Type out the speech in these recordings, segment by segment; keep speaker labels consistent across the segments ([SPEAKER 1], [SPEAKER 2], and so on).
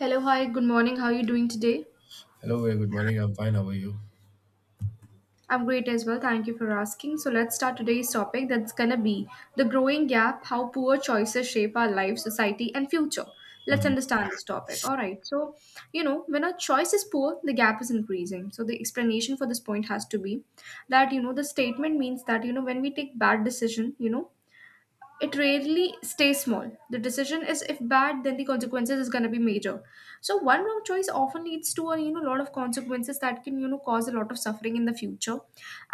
[SPEAKER 1] Hello, hi, good morning. How are you doing today?
[SPEAKER 2] Hello, very good morning. I'm fine. How are you?
[SPEAKER 1] I'm great as well. Thank you for asking. So, let's start today's topic that's gonna be the growing gap, how poor choices shape our life, society, and future. Let's
[SPEAKER 2] hmm
[SPEAKER 1] understand this topic. All right. So, when a choice is poor, the gap is increasing. So, the explanation for this point has to be that, the statement means that, when we take bad decision, it rarely stays small. The decision is if bad, then the consequences is going to be major. So one wrong choice often leads to a lot of consequences that can cause a lot of suffering in the future,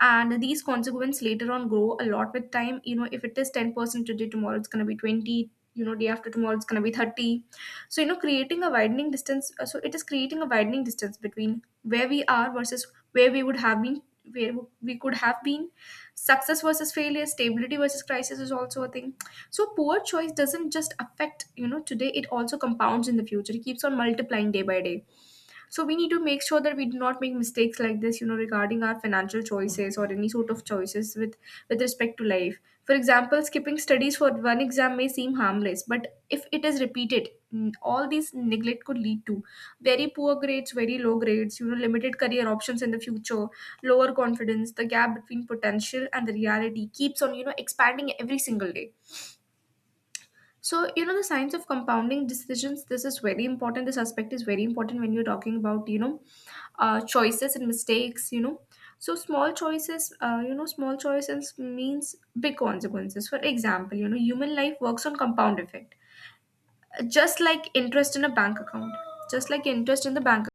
[SPEAKER 1] and these consequences later on grow a lot with time. If it is 10% today, tomorrow it's going to be 20. Day after tomorrow it's going to be 30. So creating a widening distance. So it is creating a widening distance between where we are versus where we would have been, where we could have been. Success versus failure, stability versus crisis is also a thing, so poor choice doesn't just affect, today, it also compounds in the future. It keeps on multiplying day by day. So we need to make sure that we do not make mistakes like this, regarding our financial choices or any sort of choices with respect to life. For example, skipping studies for one exam may seem harmless, but if it is repeated, all these neglect could lead to very poor grades, very low grades, limited career options in the future, lower confidence. The gap between potential and the reality keeps on, expanding every single day. So, the science of compounding decisions, this is very important. This aspect is very important when you're talking about, choices and mistakes. So, small choices, small choices means big consequences. For example, human life works on compound effect, just like interest in a bank account, just like interest in the bank.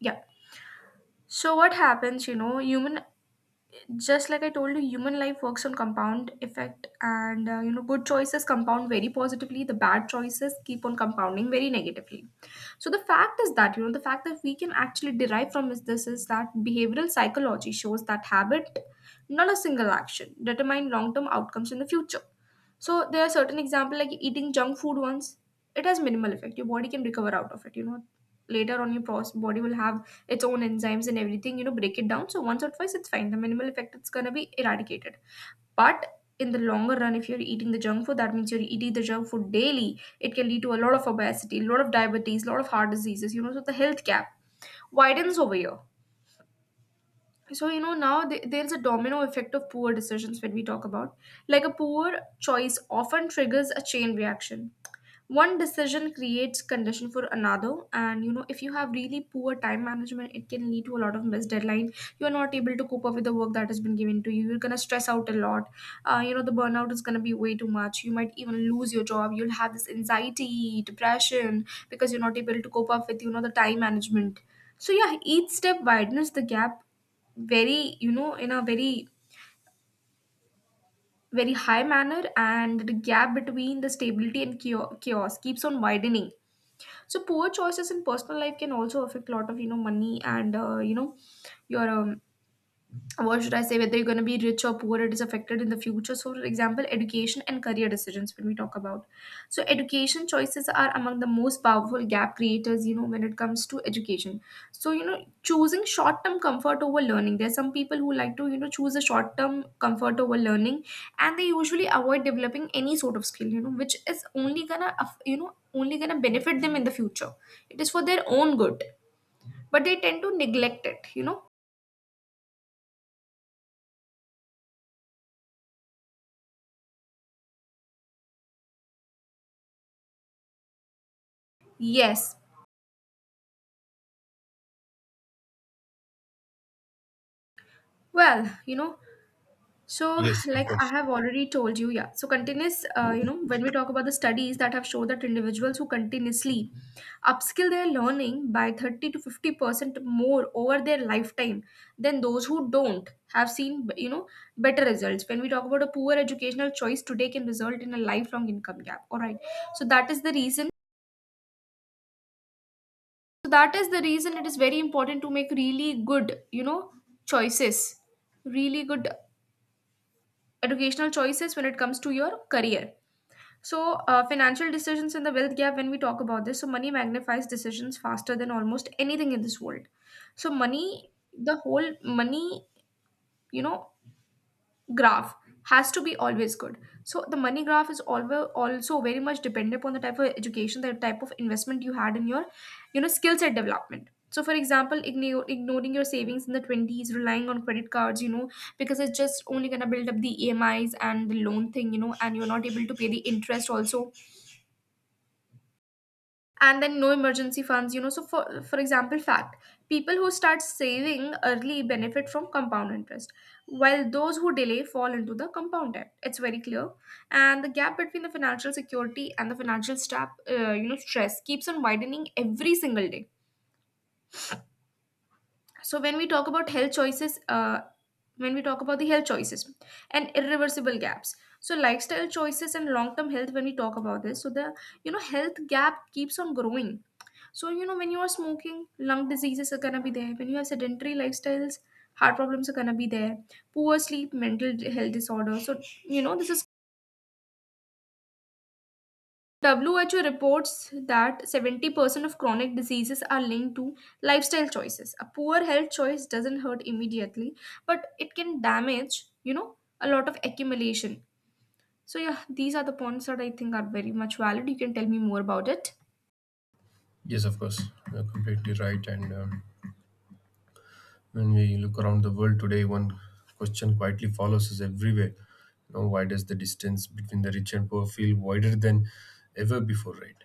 [SPEAKER 1] Yeah. So what happens, you know, human just like I told you, human life works on compound effect, and good choices compound very positively. The bad choices keep on compounding very negatively. So the fact is that, the fact that we can actually derive from is this is that behavioral psychology shows that habit, not a single action, determine long term outcomes in the future. So there are certain example like eating junk food once, it has minimal effect. Your body can recover out of it. Later on your body will have its own enzymes and everything. Break it down. So once or twice, it's fine. The minimal effect, it's gonna be eradicated. But in the longer run, if you're eating the junk food, that means you're eating the junk food daily. It can lead to a lot of obesity, a lot of diabetes, a lot of heart diseases. So the health gap widens over here. So now there's a domino effect of poor decisions when we talk about like a poor choice often triggers a chain reaction. One decision creates condition for another, and if you have really poor time management, it can lead to a lot of missed deadline. You are not able to cope up with the work that has been given to you, you're going to stress out a lot. The burnout is going to be way too much, you might even lose your job, you'll have this anxiety depression because you're not able to cope up with the time management. So yeah, each step widens the gap very, in a very, very high manner, and the gap between the stability and chaos keeps on widening. So poor choices in personal life can also affect a lot of money and you know your what should I say, whether you're going to be rich or poor, it is affected in the future. So, for example, education and career decisions when we talk about. So, education choices are among the most powerful gap creators, when it comes to education. So, choosing short term comfort over learning. There are some people who like to, choose a short term comfort over learning, and they usually avoid developing any sort of skill, which is only gonna, only gonna benefit them in the future. It is for their own good, but they tend to neglect it. Yes. Well, you know, So,
[SPEAKER 2] Yes, of
[SPEAKER 1] like I
[SPEAKER 2] course.
[SPEAKER 1] have already told you, yeah. So, continuous, when we talk about the studies that have shown that individuals who continuously upskill their learning by 30 to 50% more over their lifetime than those who don't have seen, better results. When we talk about, a poor educational choice today can result in a lifelong income gap. All right. So, that is the reason. So, that is the reason it is very important to make really good, choices, really good educational choices when it comes to your career. So, financial decisions and the wealth gap, when we talk about this, so money magnifies decisions faster than almost anything in this world. So, money, the whole money, you know, graph has to be always good. So, the money graph is always also very much dependent upon the type of education, the type of investment you had in your, skill set development. So, for example, ignoring your savings in the 20s, relying on credit cards, because it's just only going to build up the EMIs and the loan thing, and you're not able to pay the interest also, and then no emergency funds, so for example fact, people who start saving early benefit from compound interest, while those who delay fall into the compound debt. It's very clear, and the gap between the financial security and the financial strap, stress, keeps on widening every single day. So when we talk about health choices, when we talk about the health choices and irreversible gaps, so lifestyle choices and long term health, when we talk about this, so the, health gap keeps on growing. So, when you are smoking, lung diseases are gonna be there. When you have sedentary lifestyles, heart problems are gonna be there. Poor sleep, mental health disorder. So, this is, WHO reports that 70% of chronic diseases are linked to lifestyle choices. A poor health choice doesn't hurt immediately, but it can damage, a lot of accumulation. So, yeah, these are the points that I think are very much valid. You can tell me more about it.
[SPEAKER 2] Yes, of course. You're completely right. And When we look around the world today, one question quietly follows us everywhere. You know, why does the distance between the rich and poor feel wider than ever before, right?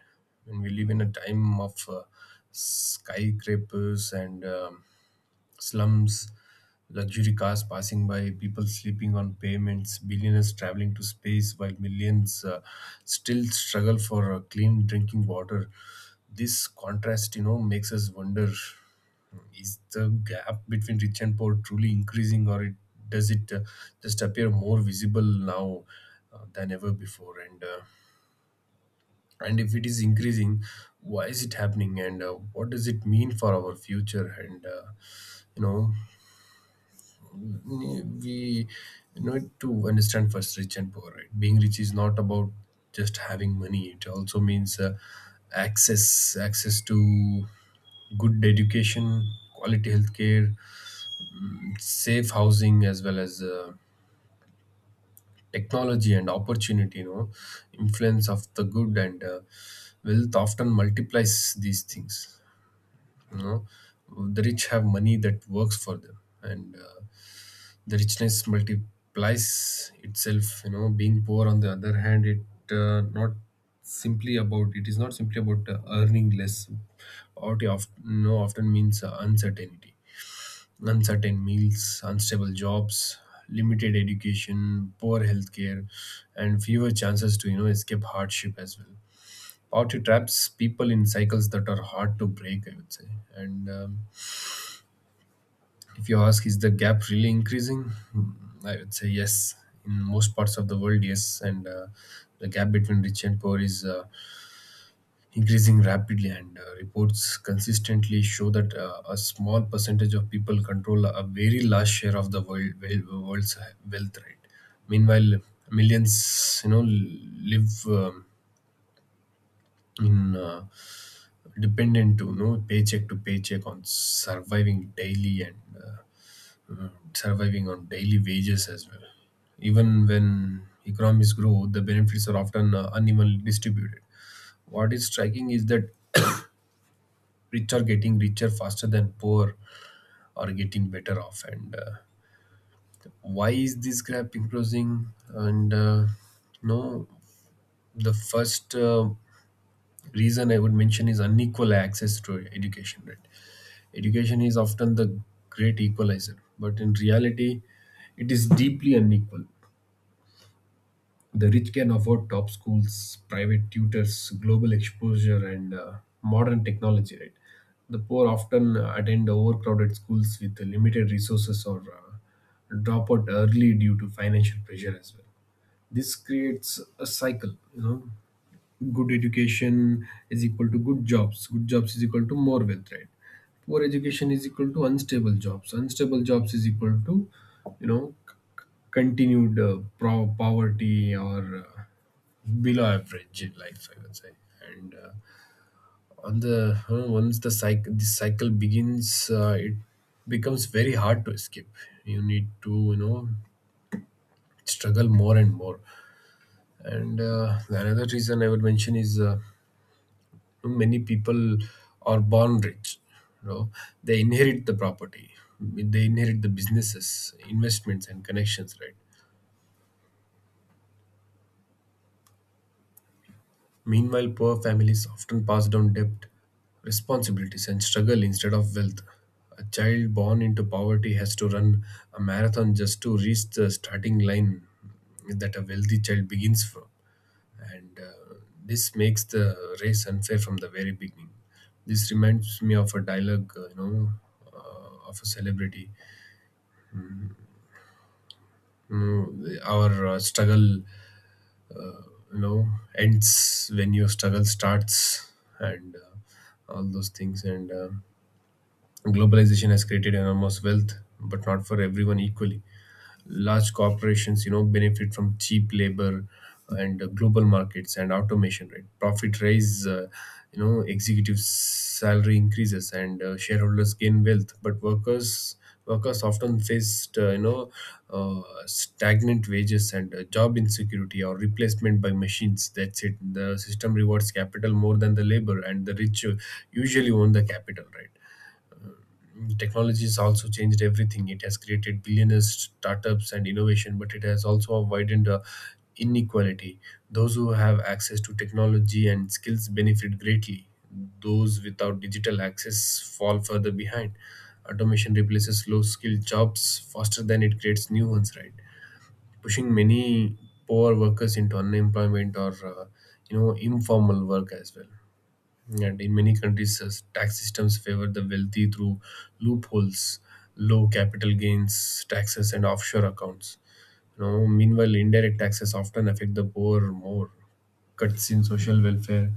[SPEAKER 2] When we live in a time of skyscrapers and slums, luxury cars passing by, people sleeping on pavements, billionaires traveling to space while millions still struggle for clean drinking water. This contrast, you know, makes us wonder, is the gap between rich and poor truly increasing, or it does it just appear more visible now than ever before? And if it is increasing, why is it happening, and what does it mean for our future? And You know, we need to understand first rich and poor, right? Being rich is not about just having money, it also means access to good education, quality healthcare, safe housing, as well as technology and opportunity. You know, influence of the good, and wealth often multiplies these things. You know, the rich have money that works for them, and the richness multiplies itself. You know, being poor, on the other hand, uh, not it is not simply about earning less. Poverty often, you know, often means uncertainty, uncertain meals, unstable jobs, limited education, poor healthcare, and fewer chances to, you know, escape hardship as well. Poverty traps people in cycles that are hard to break, I would say. And if you ask, is the gap really increasing? Hmm, I would say yes. In most parts of the world, yes. And The gap between rich and poor is increasing rapidly, and reports consistently show that a small percentage of people control a very large share of the world's wealth, right? Meanwhile, millions, you know, live in dependent to you know, paycheck to paycheck on surviving daily and uh, surviving on daily wages as well. Even when economies grow, the benefits are often unevenly distributed. What is striking is that rich are getting richer faster than poor are getting better off. And Why is this gap increasing? And no, the first reason I would mention is unequal access to education. Right, education is often the great equalizer, but in reality, it is deeply unequal. The rich can afford top schools, private tutors, global exposure, and modern technology. Right, the poor often attend overcrowded schools with limited resources, or drop out early due to financial pressure as well. This creates a cycle, you know: good education is equal to good jobs, good jobs is equal to more wealth, right? Poor education is equal to unstable jobs, unstable jobs is equal to, you know, c- continued poverty, or uh, below average life, I would say. And on the once the cycle begins, it becomes very hard to escape. You need to, you know, struggle more and more. And Another reason I would mention is many people are born rich. You know, they inherit the property, they inherit the businesses, investments, and connections, right? Meanwhile, poor families often pass down debt, responsibilities, and struggle instead of wealth. A child born into poverty has to run a marathon just to reach the starting line that a wealthy child begins from. And This makes the race unfair from the very beginning. This reminds me of a dialogue, you know, of a celebrity. Our struggle, you know, ends when your struggle starts, and all those things. And Globalization has created enormous wealth, but not for everyone equally. Large corporations, you know, benefit from cheap labor, and global markets and automation, right? Profit rise, you know, executive salary increases, and shareholders gain wealth, but workers often faced you know, uh, stagnant wages and job insecurity, or replacement by machines. That's it. The system rewards capital more than the labor, and the rich usually own the capital, right? Technology has also changed everything. It has created billionaires, startups, and innovation, but it has also widened inequality. Those who have access to technology and skills benefit greatly. Those without digital access fall further behind. Automation replaces low skilled jobs faster than it creates new ones, right? Pushing many poor workers into unemployment, or you know, informal work as well. And in many countries, tax systems favor the wealthy through loopholes, low capital gains taxes, and offshore accounts. You know, meanwhile, indirect taxes often affect the poor more. Cuts in social welfare,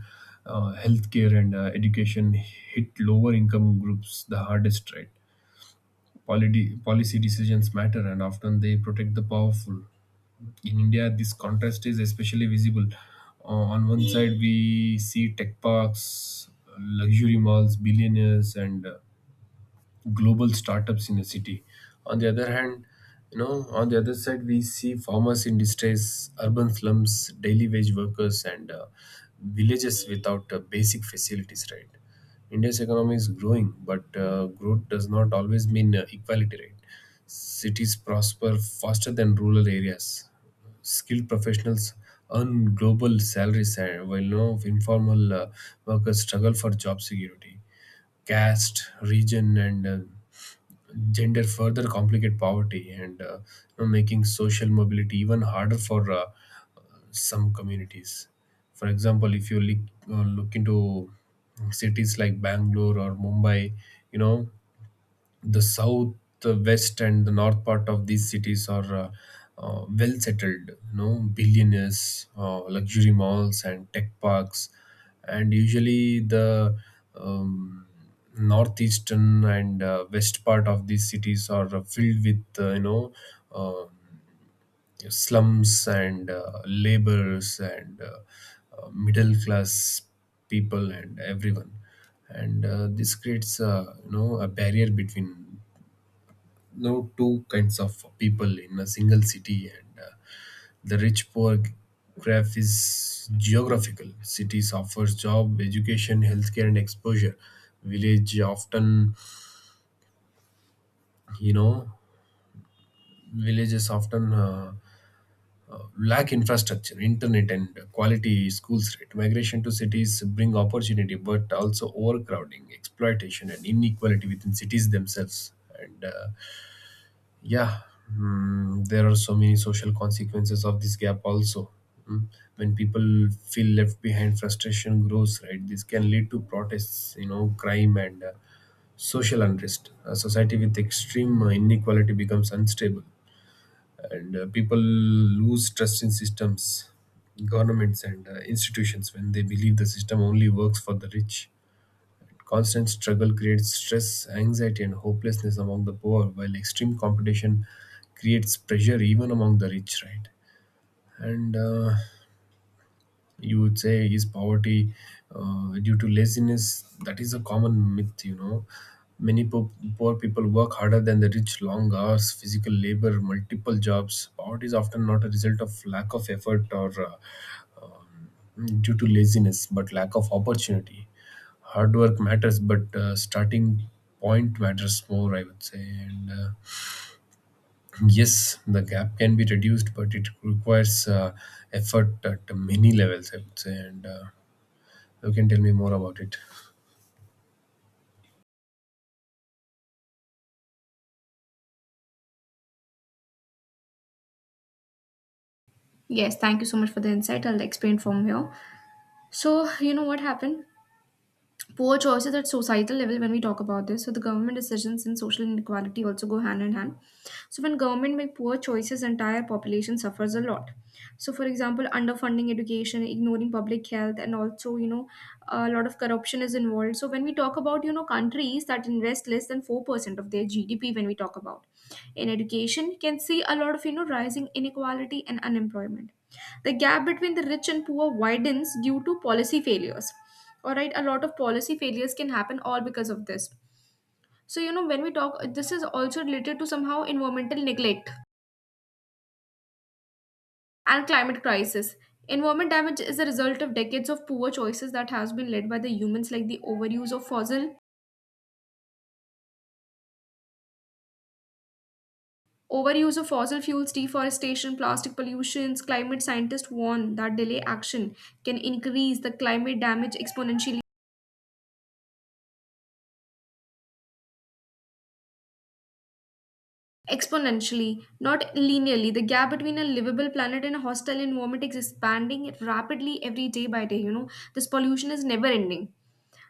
[SPEAKER 2] healthcare, and education hit lower income groups the hardest, right? Policy decisions matter, and often they protect the powerful. In India, this contrast is especially visible. On one side, we see tech parks, luxury malls, billionaires, and global startups in a city. On the other hand, you know, on the other side, we see farmers in distress, urban slums, daily wage workers, and villages without basic facilities. Right, India's economy is growing, but growth does not always mean equality. Right, cities prosper faster than rural areas. Skilled professionals earn global salaries, while, you know, informal workers struggle for job security. Caste, region, and gender further complicate poverty, and you know, making social mobility even harder for some communities. For example, if you look into cities like Bangalore or Mumbai, you know, the south, the west, and the north part of these cities are well settled, you know, billionaires, luxury malls, and tech parks. And usually the um, northeastern and west part of these cities are filled with, you know, um yeah, slums and laborers, and middle class people and everyone. And This creates, a you know, a barrier between, you know, two kinds of people in a single city. And The rich poor graph is geographical. Cities offers job, education, healthcare, and exposure. Village often you know villages often lack infrastructure, internet, and quality schools. Right, migration to cities bring opportunity, but also overcrowding, exploitation, and inequality within cities themselves. And uh, yeah, there are so many social consequences of this gap also. Mm. When people feel left behind, frustration grows. Right, this can lead to protests, you know, crime, and social unrest. A society with extreme inequality becomes unstable, and people lose trust in systems, governments, and institutions, when they believe the system only works for the rich. Constant struggle creates stress, anxiety, and hopelessness among the poor, while extreme competition creates pressure even among the rich, right? and You would say, is poverty due to laziness? That is a common myth, you know. Many poor people work harder than the rich: long hours, physical labor, multiple jobs. Poverty is often not a result of lack of effort, or due to laziness, but lack of opportunity. Hard work matters, but starting point matters more, I would say. And Yes, the gap can be reduced, but it requires effort at many levels, I would say. And You can tell me more about it.
[SPEAKER 1] Yes, thank you so much for the insight. I'll explain from here. So, what happened? Poor choices at societal level, when we talk about this, so the government decisions in social inequality also go hand in hand. So when government make poor choices, entire population suffers a lot. So for example, underfunding education, ignoring public health, and also a lot of corruption is involved. So when we talk about, countries that invest less than 4% of their GDP when we talk about in education, you can see a lot of rising inequality and unemployment. The gap between the rich and poor widens due to policy failures. All right, a lot of policy failures can happen all because of this. So when we talk, this is also related to somehow environmental neglect and climate crisis. Environment damage is a result of decades of poor choices that has been led by the humans, like the overuse of fossil fuels, deforestation, plastic pollutions. Climate scientists warn that delay action can increase the climate damage exponentially. Exponentially, not linearly, the gap between a livable planet and a hostile environment is expanding rapidly every day by day. This pollution is never ending.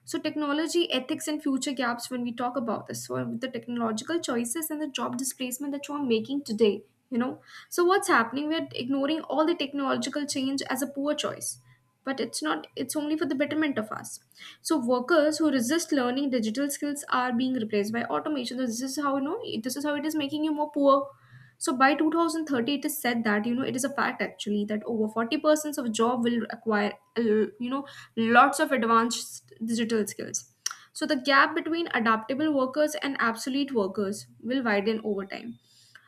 [SPEAKER 1] So, technology, ethics, and future gaps, when we talk about this. So, with the technological choices and the job displacement that you are making today, you know. So, what's happening? We're ignoring all the technological change as a poor choice. But it's not, it's only for the betterment of us. So, workers who resist learning digital skills are being replaced by automation. So this is how, this is how it is making you more poor. So by 2030, it is said that it is a fact actually that over 40% of job will acquire, lots of advanced digital skills. So the gap between adaptable workers and obsolete workers will widen over time.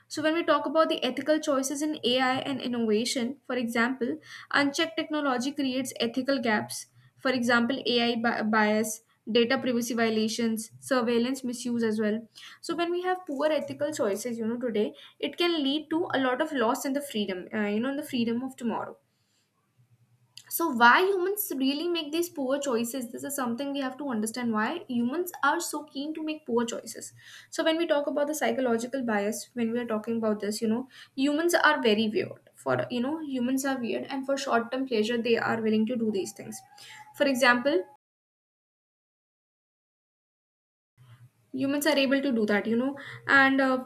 [SPEAKER 1] So when we talk about the ethical choices in AI and innovation, for example, unchecked technology creates ethical gaps. For example, bias, data privacy violations, surveillance misuse as well. So when we have poor ethical choices, you know, today, it can lead to a lot of loss in the freedom, in the freedom of tomorrow. So why humans really make these poor choices? This is something we have to understand why humans are so keen to make poor choices. So when we talk about the psychological bias, when we are talking about this. Humans are very weird. Humans are weird, and for short-term pleasure, they are willing to do these things. For example, humans are able to do that, you know, and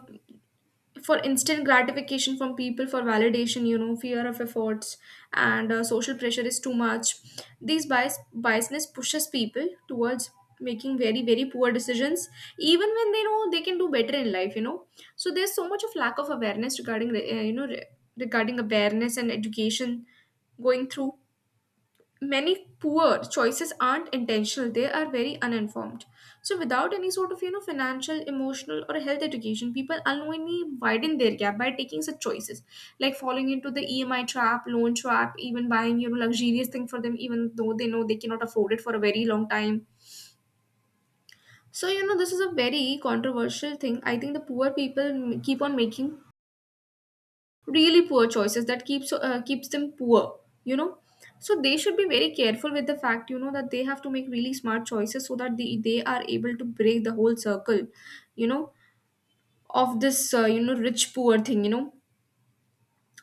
[SPEAKER 1] For instant gratification from people, for validation, fear of efforts, and social pressure is too much. These biasness pushes people towards making very very poor decisions even when they know they can do better in life. So there's so much of lack of awareness regarding regarding awareness and education going through. Many poor choices aren't intentional, they are very uninformed. So without any sort of, financial, emotional or health education, people unknowingly widen their gap by taking such choices, like falling into the EMI trap, loan trap, even buying, luxurious thing for them, even though they know they cannot afford it for a very long time. So, this is a very controversial thing. I think the poor keep on making really poor choices that keeps them poor. So they should be very careful with the fact, that they have to make really smart choices so that they are able to break the whole circle you know of this, rich poor thing.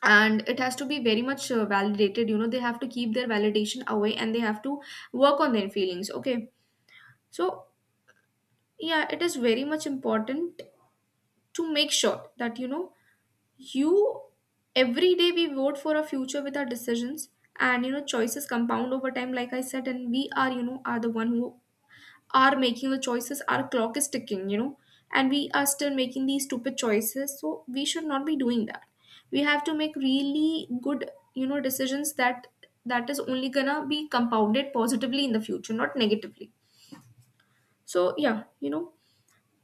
[SPEAKER 1] And it has to be very much, validated. You know, they have to keep their validation away, and they have to work on their feelings. Okay. So yeah, it is very much important to make sure that, you know you every day we vote for a future with our decisions. And, choices compound over time, like I said, and we are you know are the one who are making the choices. Our clock is ticking, and we are still making these stupid choices, so we should not be doing that. We have to make really good, decisions, that that is only gonna be compounded positively in the future, not negatively. So yeah, you know.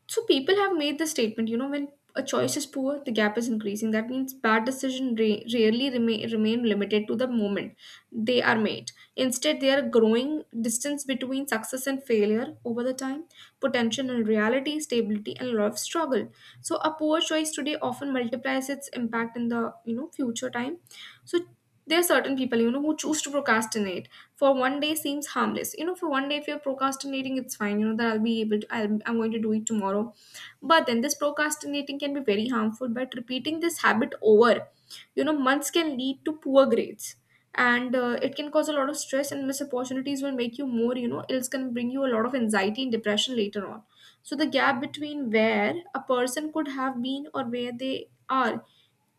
[SPEAKER 1] So people have made the statement, you know, when a choice is poor, the gap is increasing. That means bad decisions rarely remain limited to the moment they are made. Instead, they are growing distance between success and failure over the time, potential and reality, stability and a lot of struggle. So a poor choice today often multiplies its impact in the, future time. So there are certain people, who choose to procrastinate. For one day seems harmless, you know, for one day if you're procrastinating, it's fine, you know, that I'll be able to I'll, I'm going to do it tomorrow. But then this procrastinating can be very harmful, but repeating this habit over, months can lead to poor grades, and it can cause a lot of stress, and missed opportunities will make you more, it's going to bring you a lot of anxiety and depression later on. So the gap between where a person could have been or where they are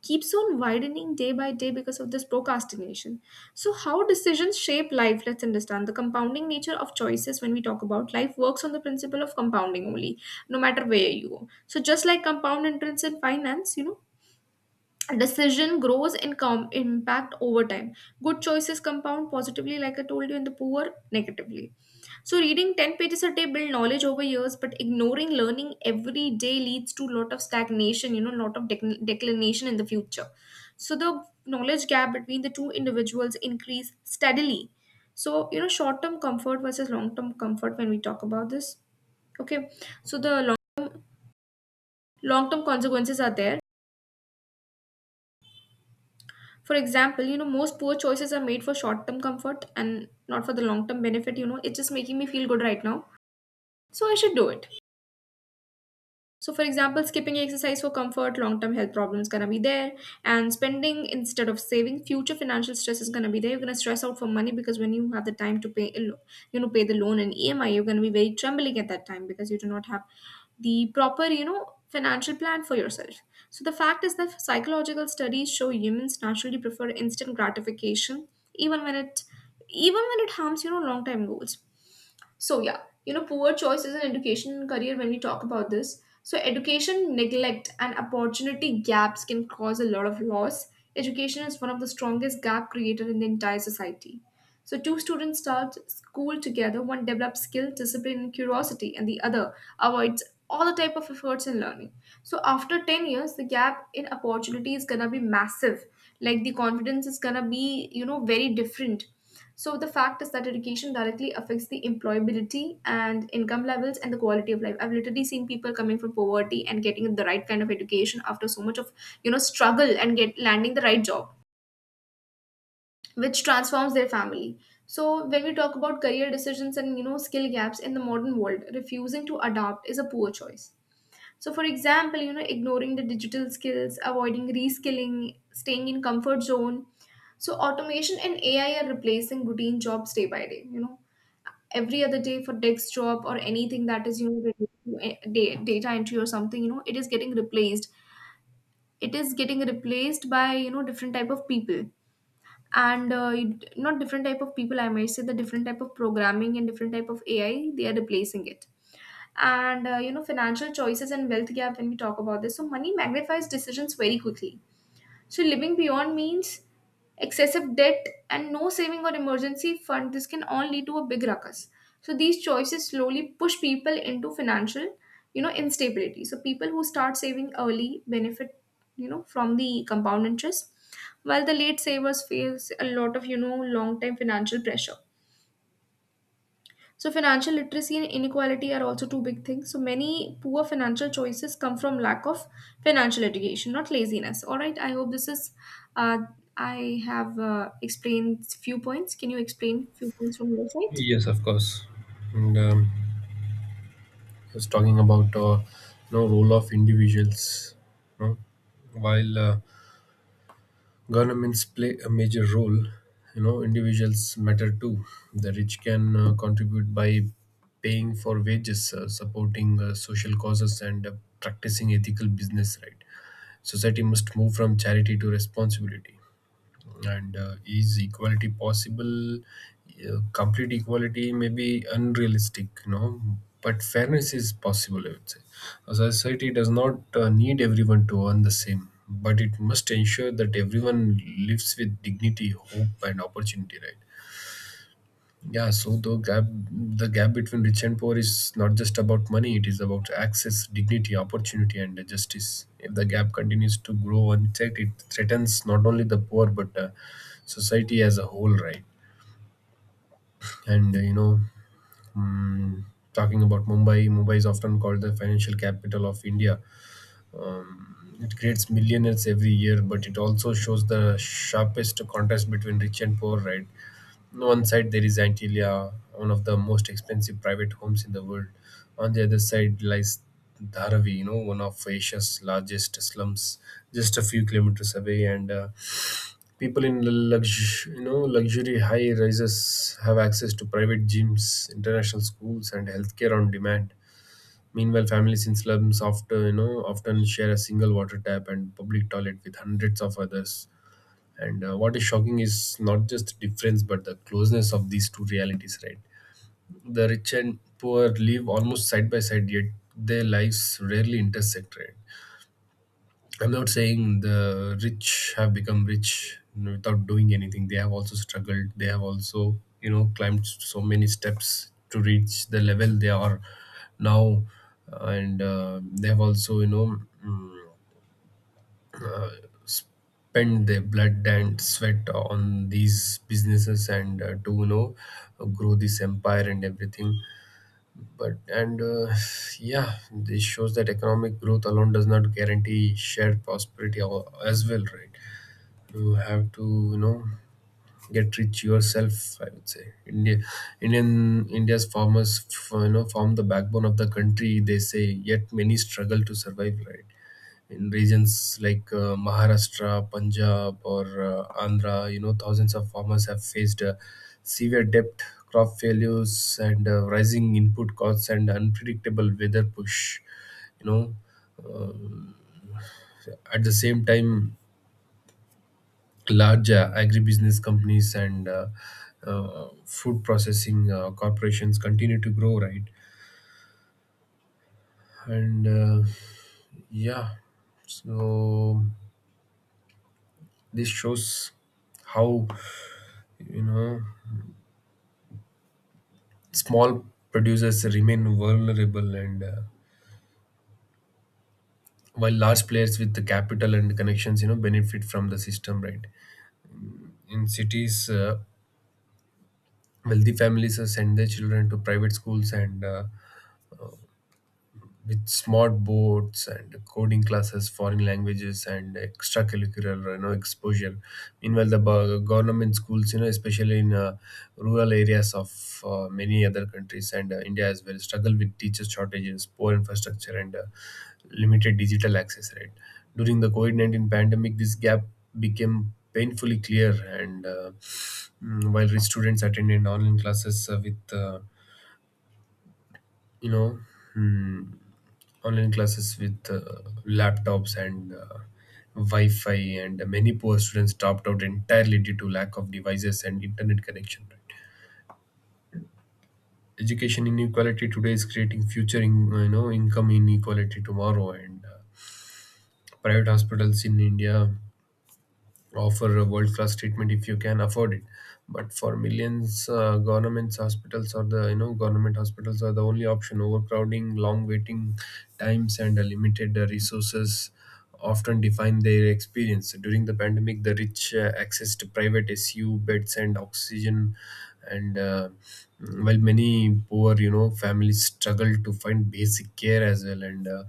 [SPEAKER 1] keeps on widening day by day because of this procrastination. So, how decisions shape life, let's understand. The compounding nature of choices, when we talk about life, works on the principle of compounding only, no matter where you go. So, just like compound interest in finance, you know, decision grows impact over time. Good choices compound positively, like I told you, and the poor negatively. So reading 10 pages a day build knowledge over years, but ignoring learning every day leads to lot of stagnation, you know, lot of declination in the future. So the knowledge gap between the two individuals increase steadily. So, you know, short term comfort versus long term comfort when we talk about this. Okay. So the long long term consequences are there. For example, you know, most poor choices are made for short term comfort and not for the long term benefit. You know, it's just making me feel good right now. So I should do it. So, for example, skipping exercise for comfort, long term health problems gonna be there, and spending instead of saving, future financial stress is gonna be there. You're gonna stress out for money because when you have the time to pay, a lo- you know, pay the loan and EMI, you're gonna be very trembling at that time because you do not have the proper, you know, financial plan for yourself. So, the fact is that psychological studies show humans naturally prefer instant gratification, even when it even when it harms, you know, long term goals. So yeah, you know, poor choices in education and career when we talk about this. So education neglect and opportunity gaps can cause a lot of loss. Education is one of the strongest gap creator in the entire society. So two students start school together, one develops skill, discipline, and curiosity, and the other avoids all the type of efforts in learning. So after 10 years, the gap in opportunity is gonna be massive. Like the confidence is gonna be, you know, very different. So the fact is that education directly affects the employability and income levels and the quality of life. I've literally seen people coming from poverty and getting the right kind of education after so much of, you know, struggle and get landing the right job, which transforms their family. So when we talk about career decisions and, you know, skill gaps in the modern world, refusing to adapt is a poor choice. So, for example, you know, ignoring the digital skills, avoiding reskilling, staying in comfort zone. So, automation and AI are replacing routine jobs day by day. You know, every other day for desk job or anything that is, you know, related to data entry or something. You know, it is getting replaced. It is getting replaced by, you know, different type of people, and you not different type of people. I might say the different type of programming and different type of AI. They are replacing it. And you know, financial choices and wealth gap when we talk about this. So money magnifies decisions very quickly. So living beyond means, excessive debt and no saving or emergency fund, this can all lead to a big ruckus. So these choices slowly push people into financial, you know, instability. So people who start saving early benefit, you know, from the compound interest, while the late savers face a lot of, you know, long time financial pressure. So, financial literacy and inequality are also two big things. So, many poor financial choices come from lack of financial education, not laziness. All right, I hope this is. Uh, I have explained few points. Can you explain few points from your side?
[SPEAKER 2] Yes, of course. And I was talking about you know, role of individuals. You know. While governments play a major role, you know, individuals matter too. The rich can contribute by paying for wages, supporting social causes, and practicing ethical business. Right? Society must move from charity to responsibility. And Is equality possible? Complete equality may be unrealistic, you know, but fairness is possible, I would say. A society does not need everyone to earn the same, but it must ensure that everyone lives with dignity, hope, and opportunity, right? Yeah, so the gap between rich and poor is not just about money, it is about access, dignity, opportunity, and justice. If the gap continues to grow unchecked, it threatens not only the poor, but society as a whole, right? And you know, mm, Talking about Mumbai, Mumbai is often called the financial capital of India. It creates millionaires every year, but it also shows the sharpest contrast between rich and poor, right? On one side, there is Antilia, one of the most expensive private homes in the world. On the other side lies Dharavi, you know, one of Asia's largest slums, just a few kilometers away. And People in you know, luxury high rises have access to private gyms, international schools, and healthcare on demand. Meanwhile, families in slums often share a single water tap and public toilet with hundreds of others, and what is shocking is not just the difference, but the closeness of these two realities, right? The rich and poor live almost side by side, yet their lives rarely intersect, right? I'm not saying the rich have become rich without doing anything. They have also struggled. They have also, climbed so many steps to reach the level they are now, and they have also, mm, spend their blood and sweat on these businesses and to grow this empire and everything. But and Yeah, this shows that economic growth alone does not guarantee shared prosperity as well, right? You have to, get rich yourself, I would say. India indian india's farmers form the backbone of the country, they say, yet many struggle to survive, right? In regions like Maharashtra, Punjab, or Andhra, thousands of farmers have faced severe debt, crop failures, and rising input costs and unpredictable weather push. You know, uh, at the same time, large agribusiness companies and food processing corporations continue to grow, right? And Yeah, so this shows how, you know small producers remain vulnerable, and while large players with the capital and connections, benefit from the system, right? In cities, wealthy families send their children to private schools and with smart boards and coding classes, foreign languages, and extracurricular exposure. Meanwhile, the government schools, especially in rural areas of many other countries and India as well, struggle with teacher shortages, poor infrastructure, and limited digital access, right? During the COVID-19 pandemic, this gap became painfully clear. And while rich students attended online classes with you know. Mm, online classes with laptops and Wi-Fi, and many poor students dropped out entirely due to lack of devices and internet connection. Right? Education inequality today is creating future, income inequality tomorrow, and private hospitals in India offer a world-class treatment if you can afford it. But for millions, governments hospitals or the government hospitals are the only option. Overcrowding, long waiting times, and limited resources often define their experience. During the pandemic, the rich access to private SU beds and oxygen, and while many poor, families struggle to find basic care as well, and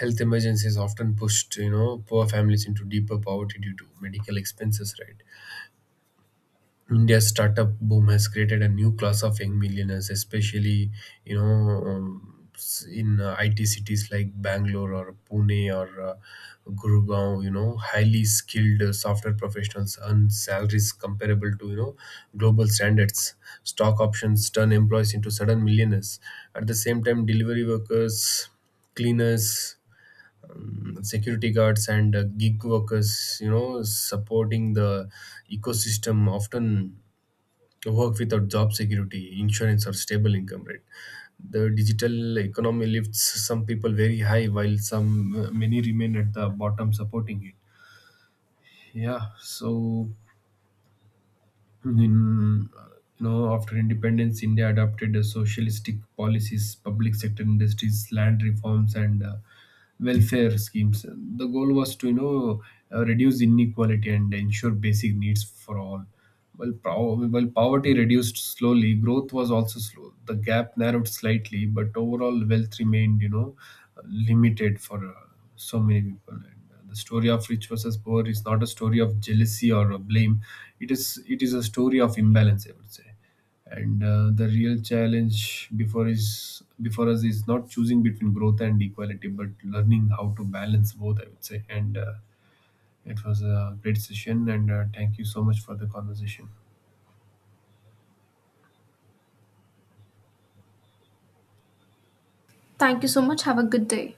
[SPEAKER 2] health emergencies often pushed, poor families into deeper poverty due to medical expenses, right? India's startup boom has created a new class of young millionaires, especially, in IT cities like Bangalore or Pune or Gurugram. Highly skilled software professionals earn salaries comparable to, global standards. Stock options turn employees into sudden millionaires. At the same time, delivery workers, cleaners, security guards, and gig workers, supporting the ecosystem, often work without job security, insurance, or stable income, right? The digital economy lifts some people very high, while some many remain at the bottom supporting it. Yeah, so, in you know after independence, India adopted socialistic policies, public sector industries, land reforms, and welfare schemes. The goal was to, reduce inequality and ensure basic needs for all. While poverty reduced slowly, growth was also slow. The gap narrowed slightly, but overall wealth remained, limited for so many people. The story of rich versus poor is not a story of jealousy or of blame. It is a story of imbalance, I would say. And the real challenge before us is not choosing between growth and equality, but learning how to balance both, I would say. And it was a great session, and thank you so much for the conversation.
[SPEAKER 1] Thank you so much. Have a good day.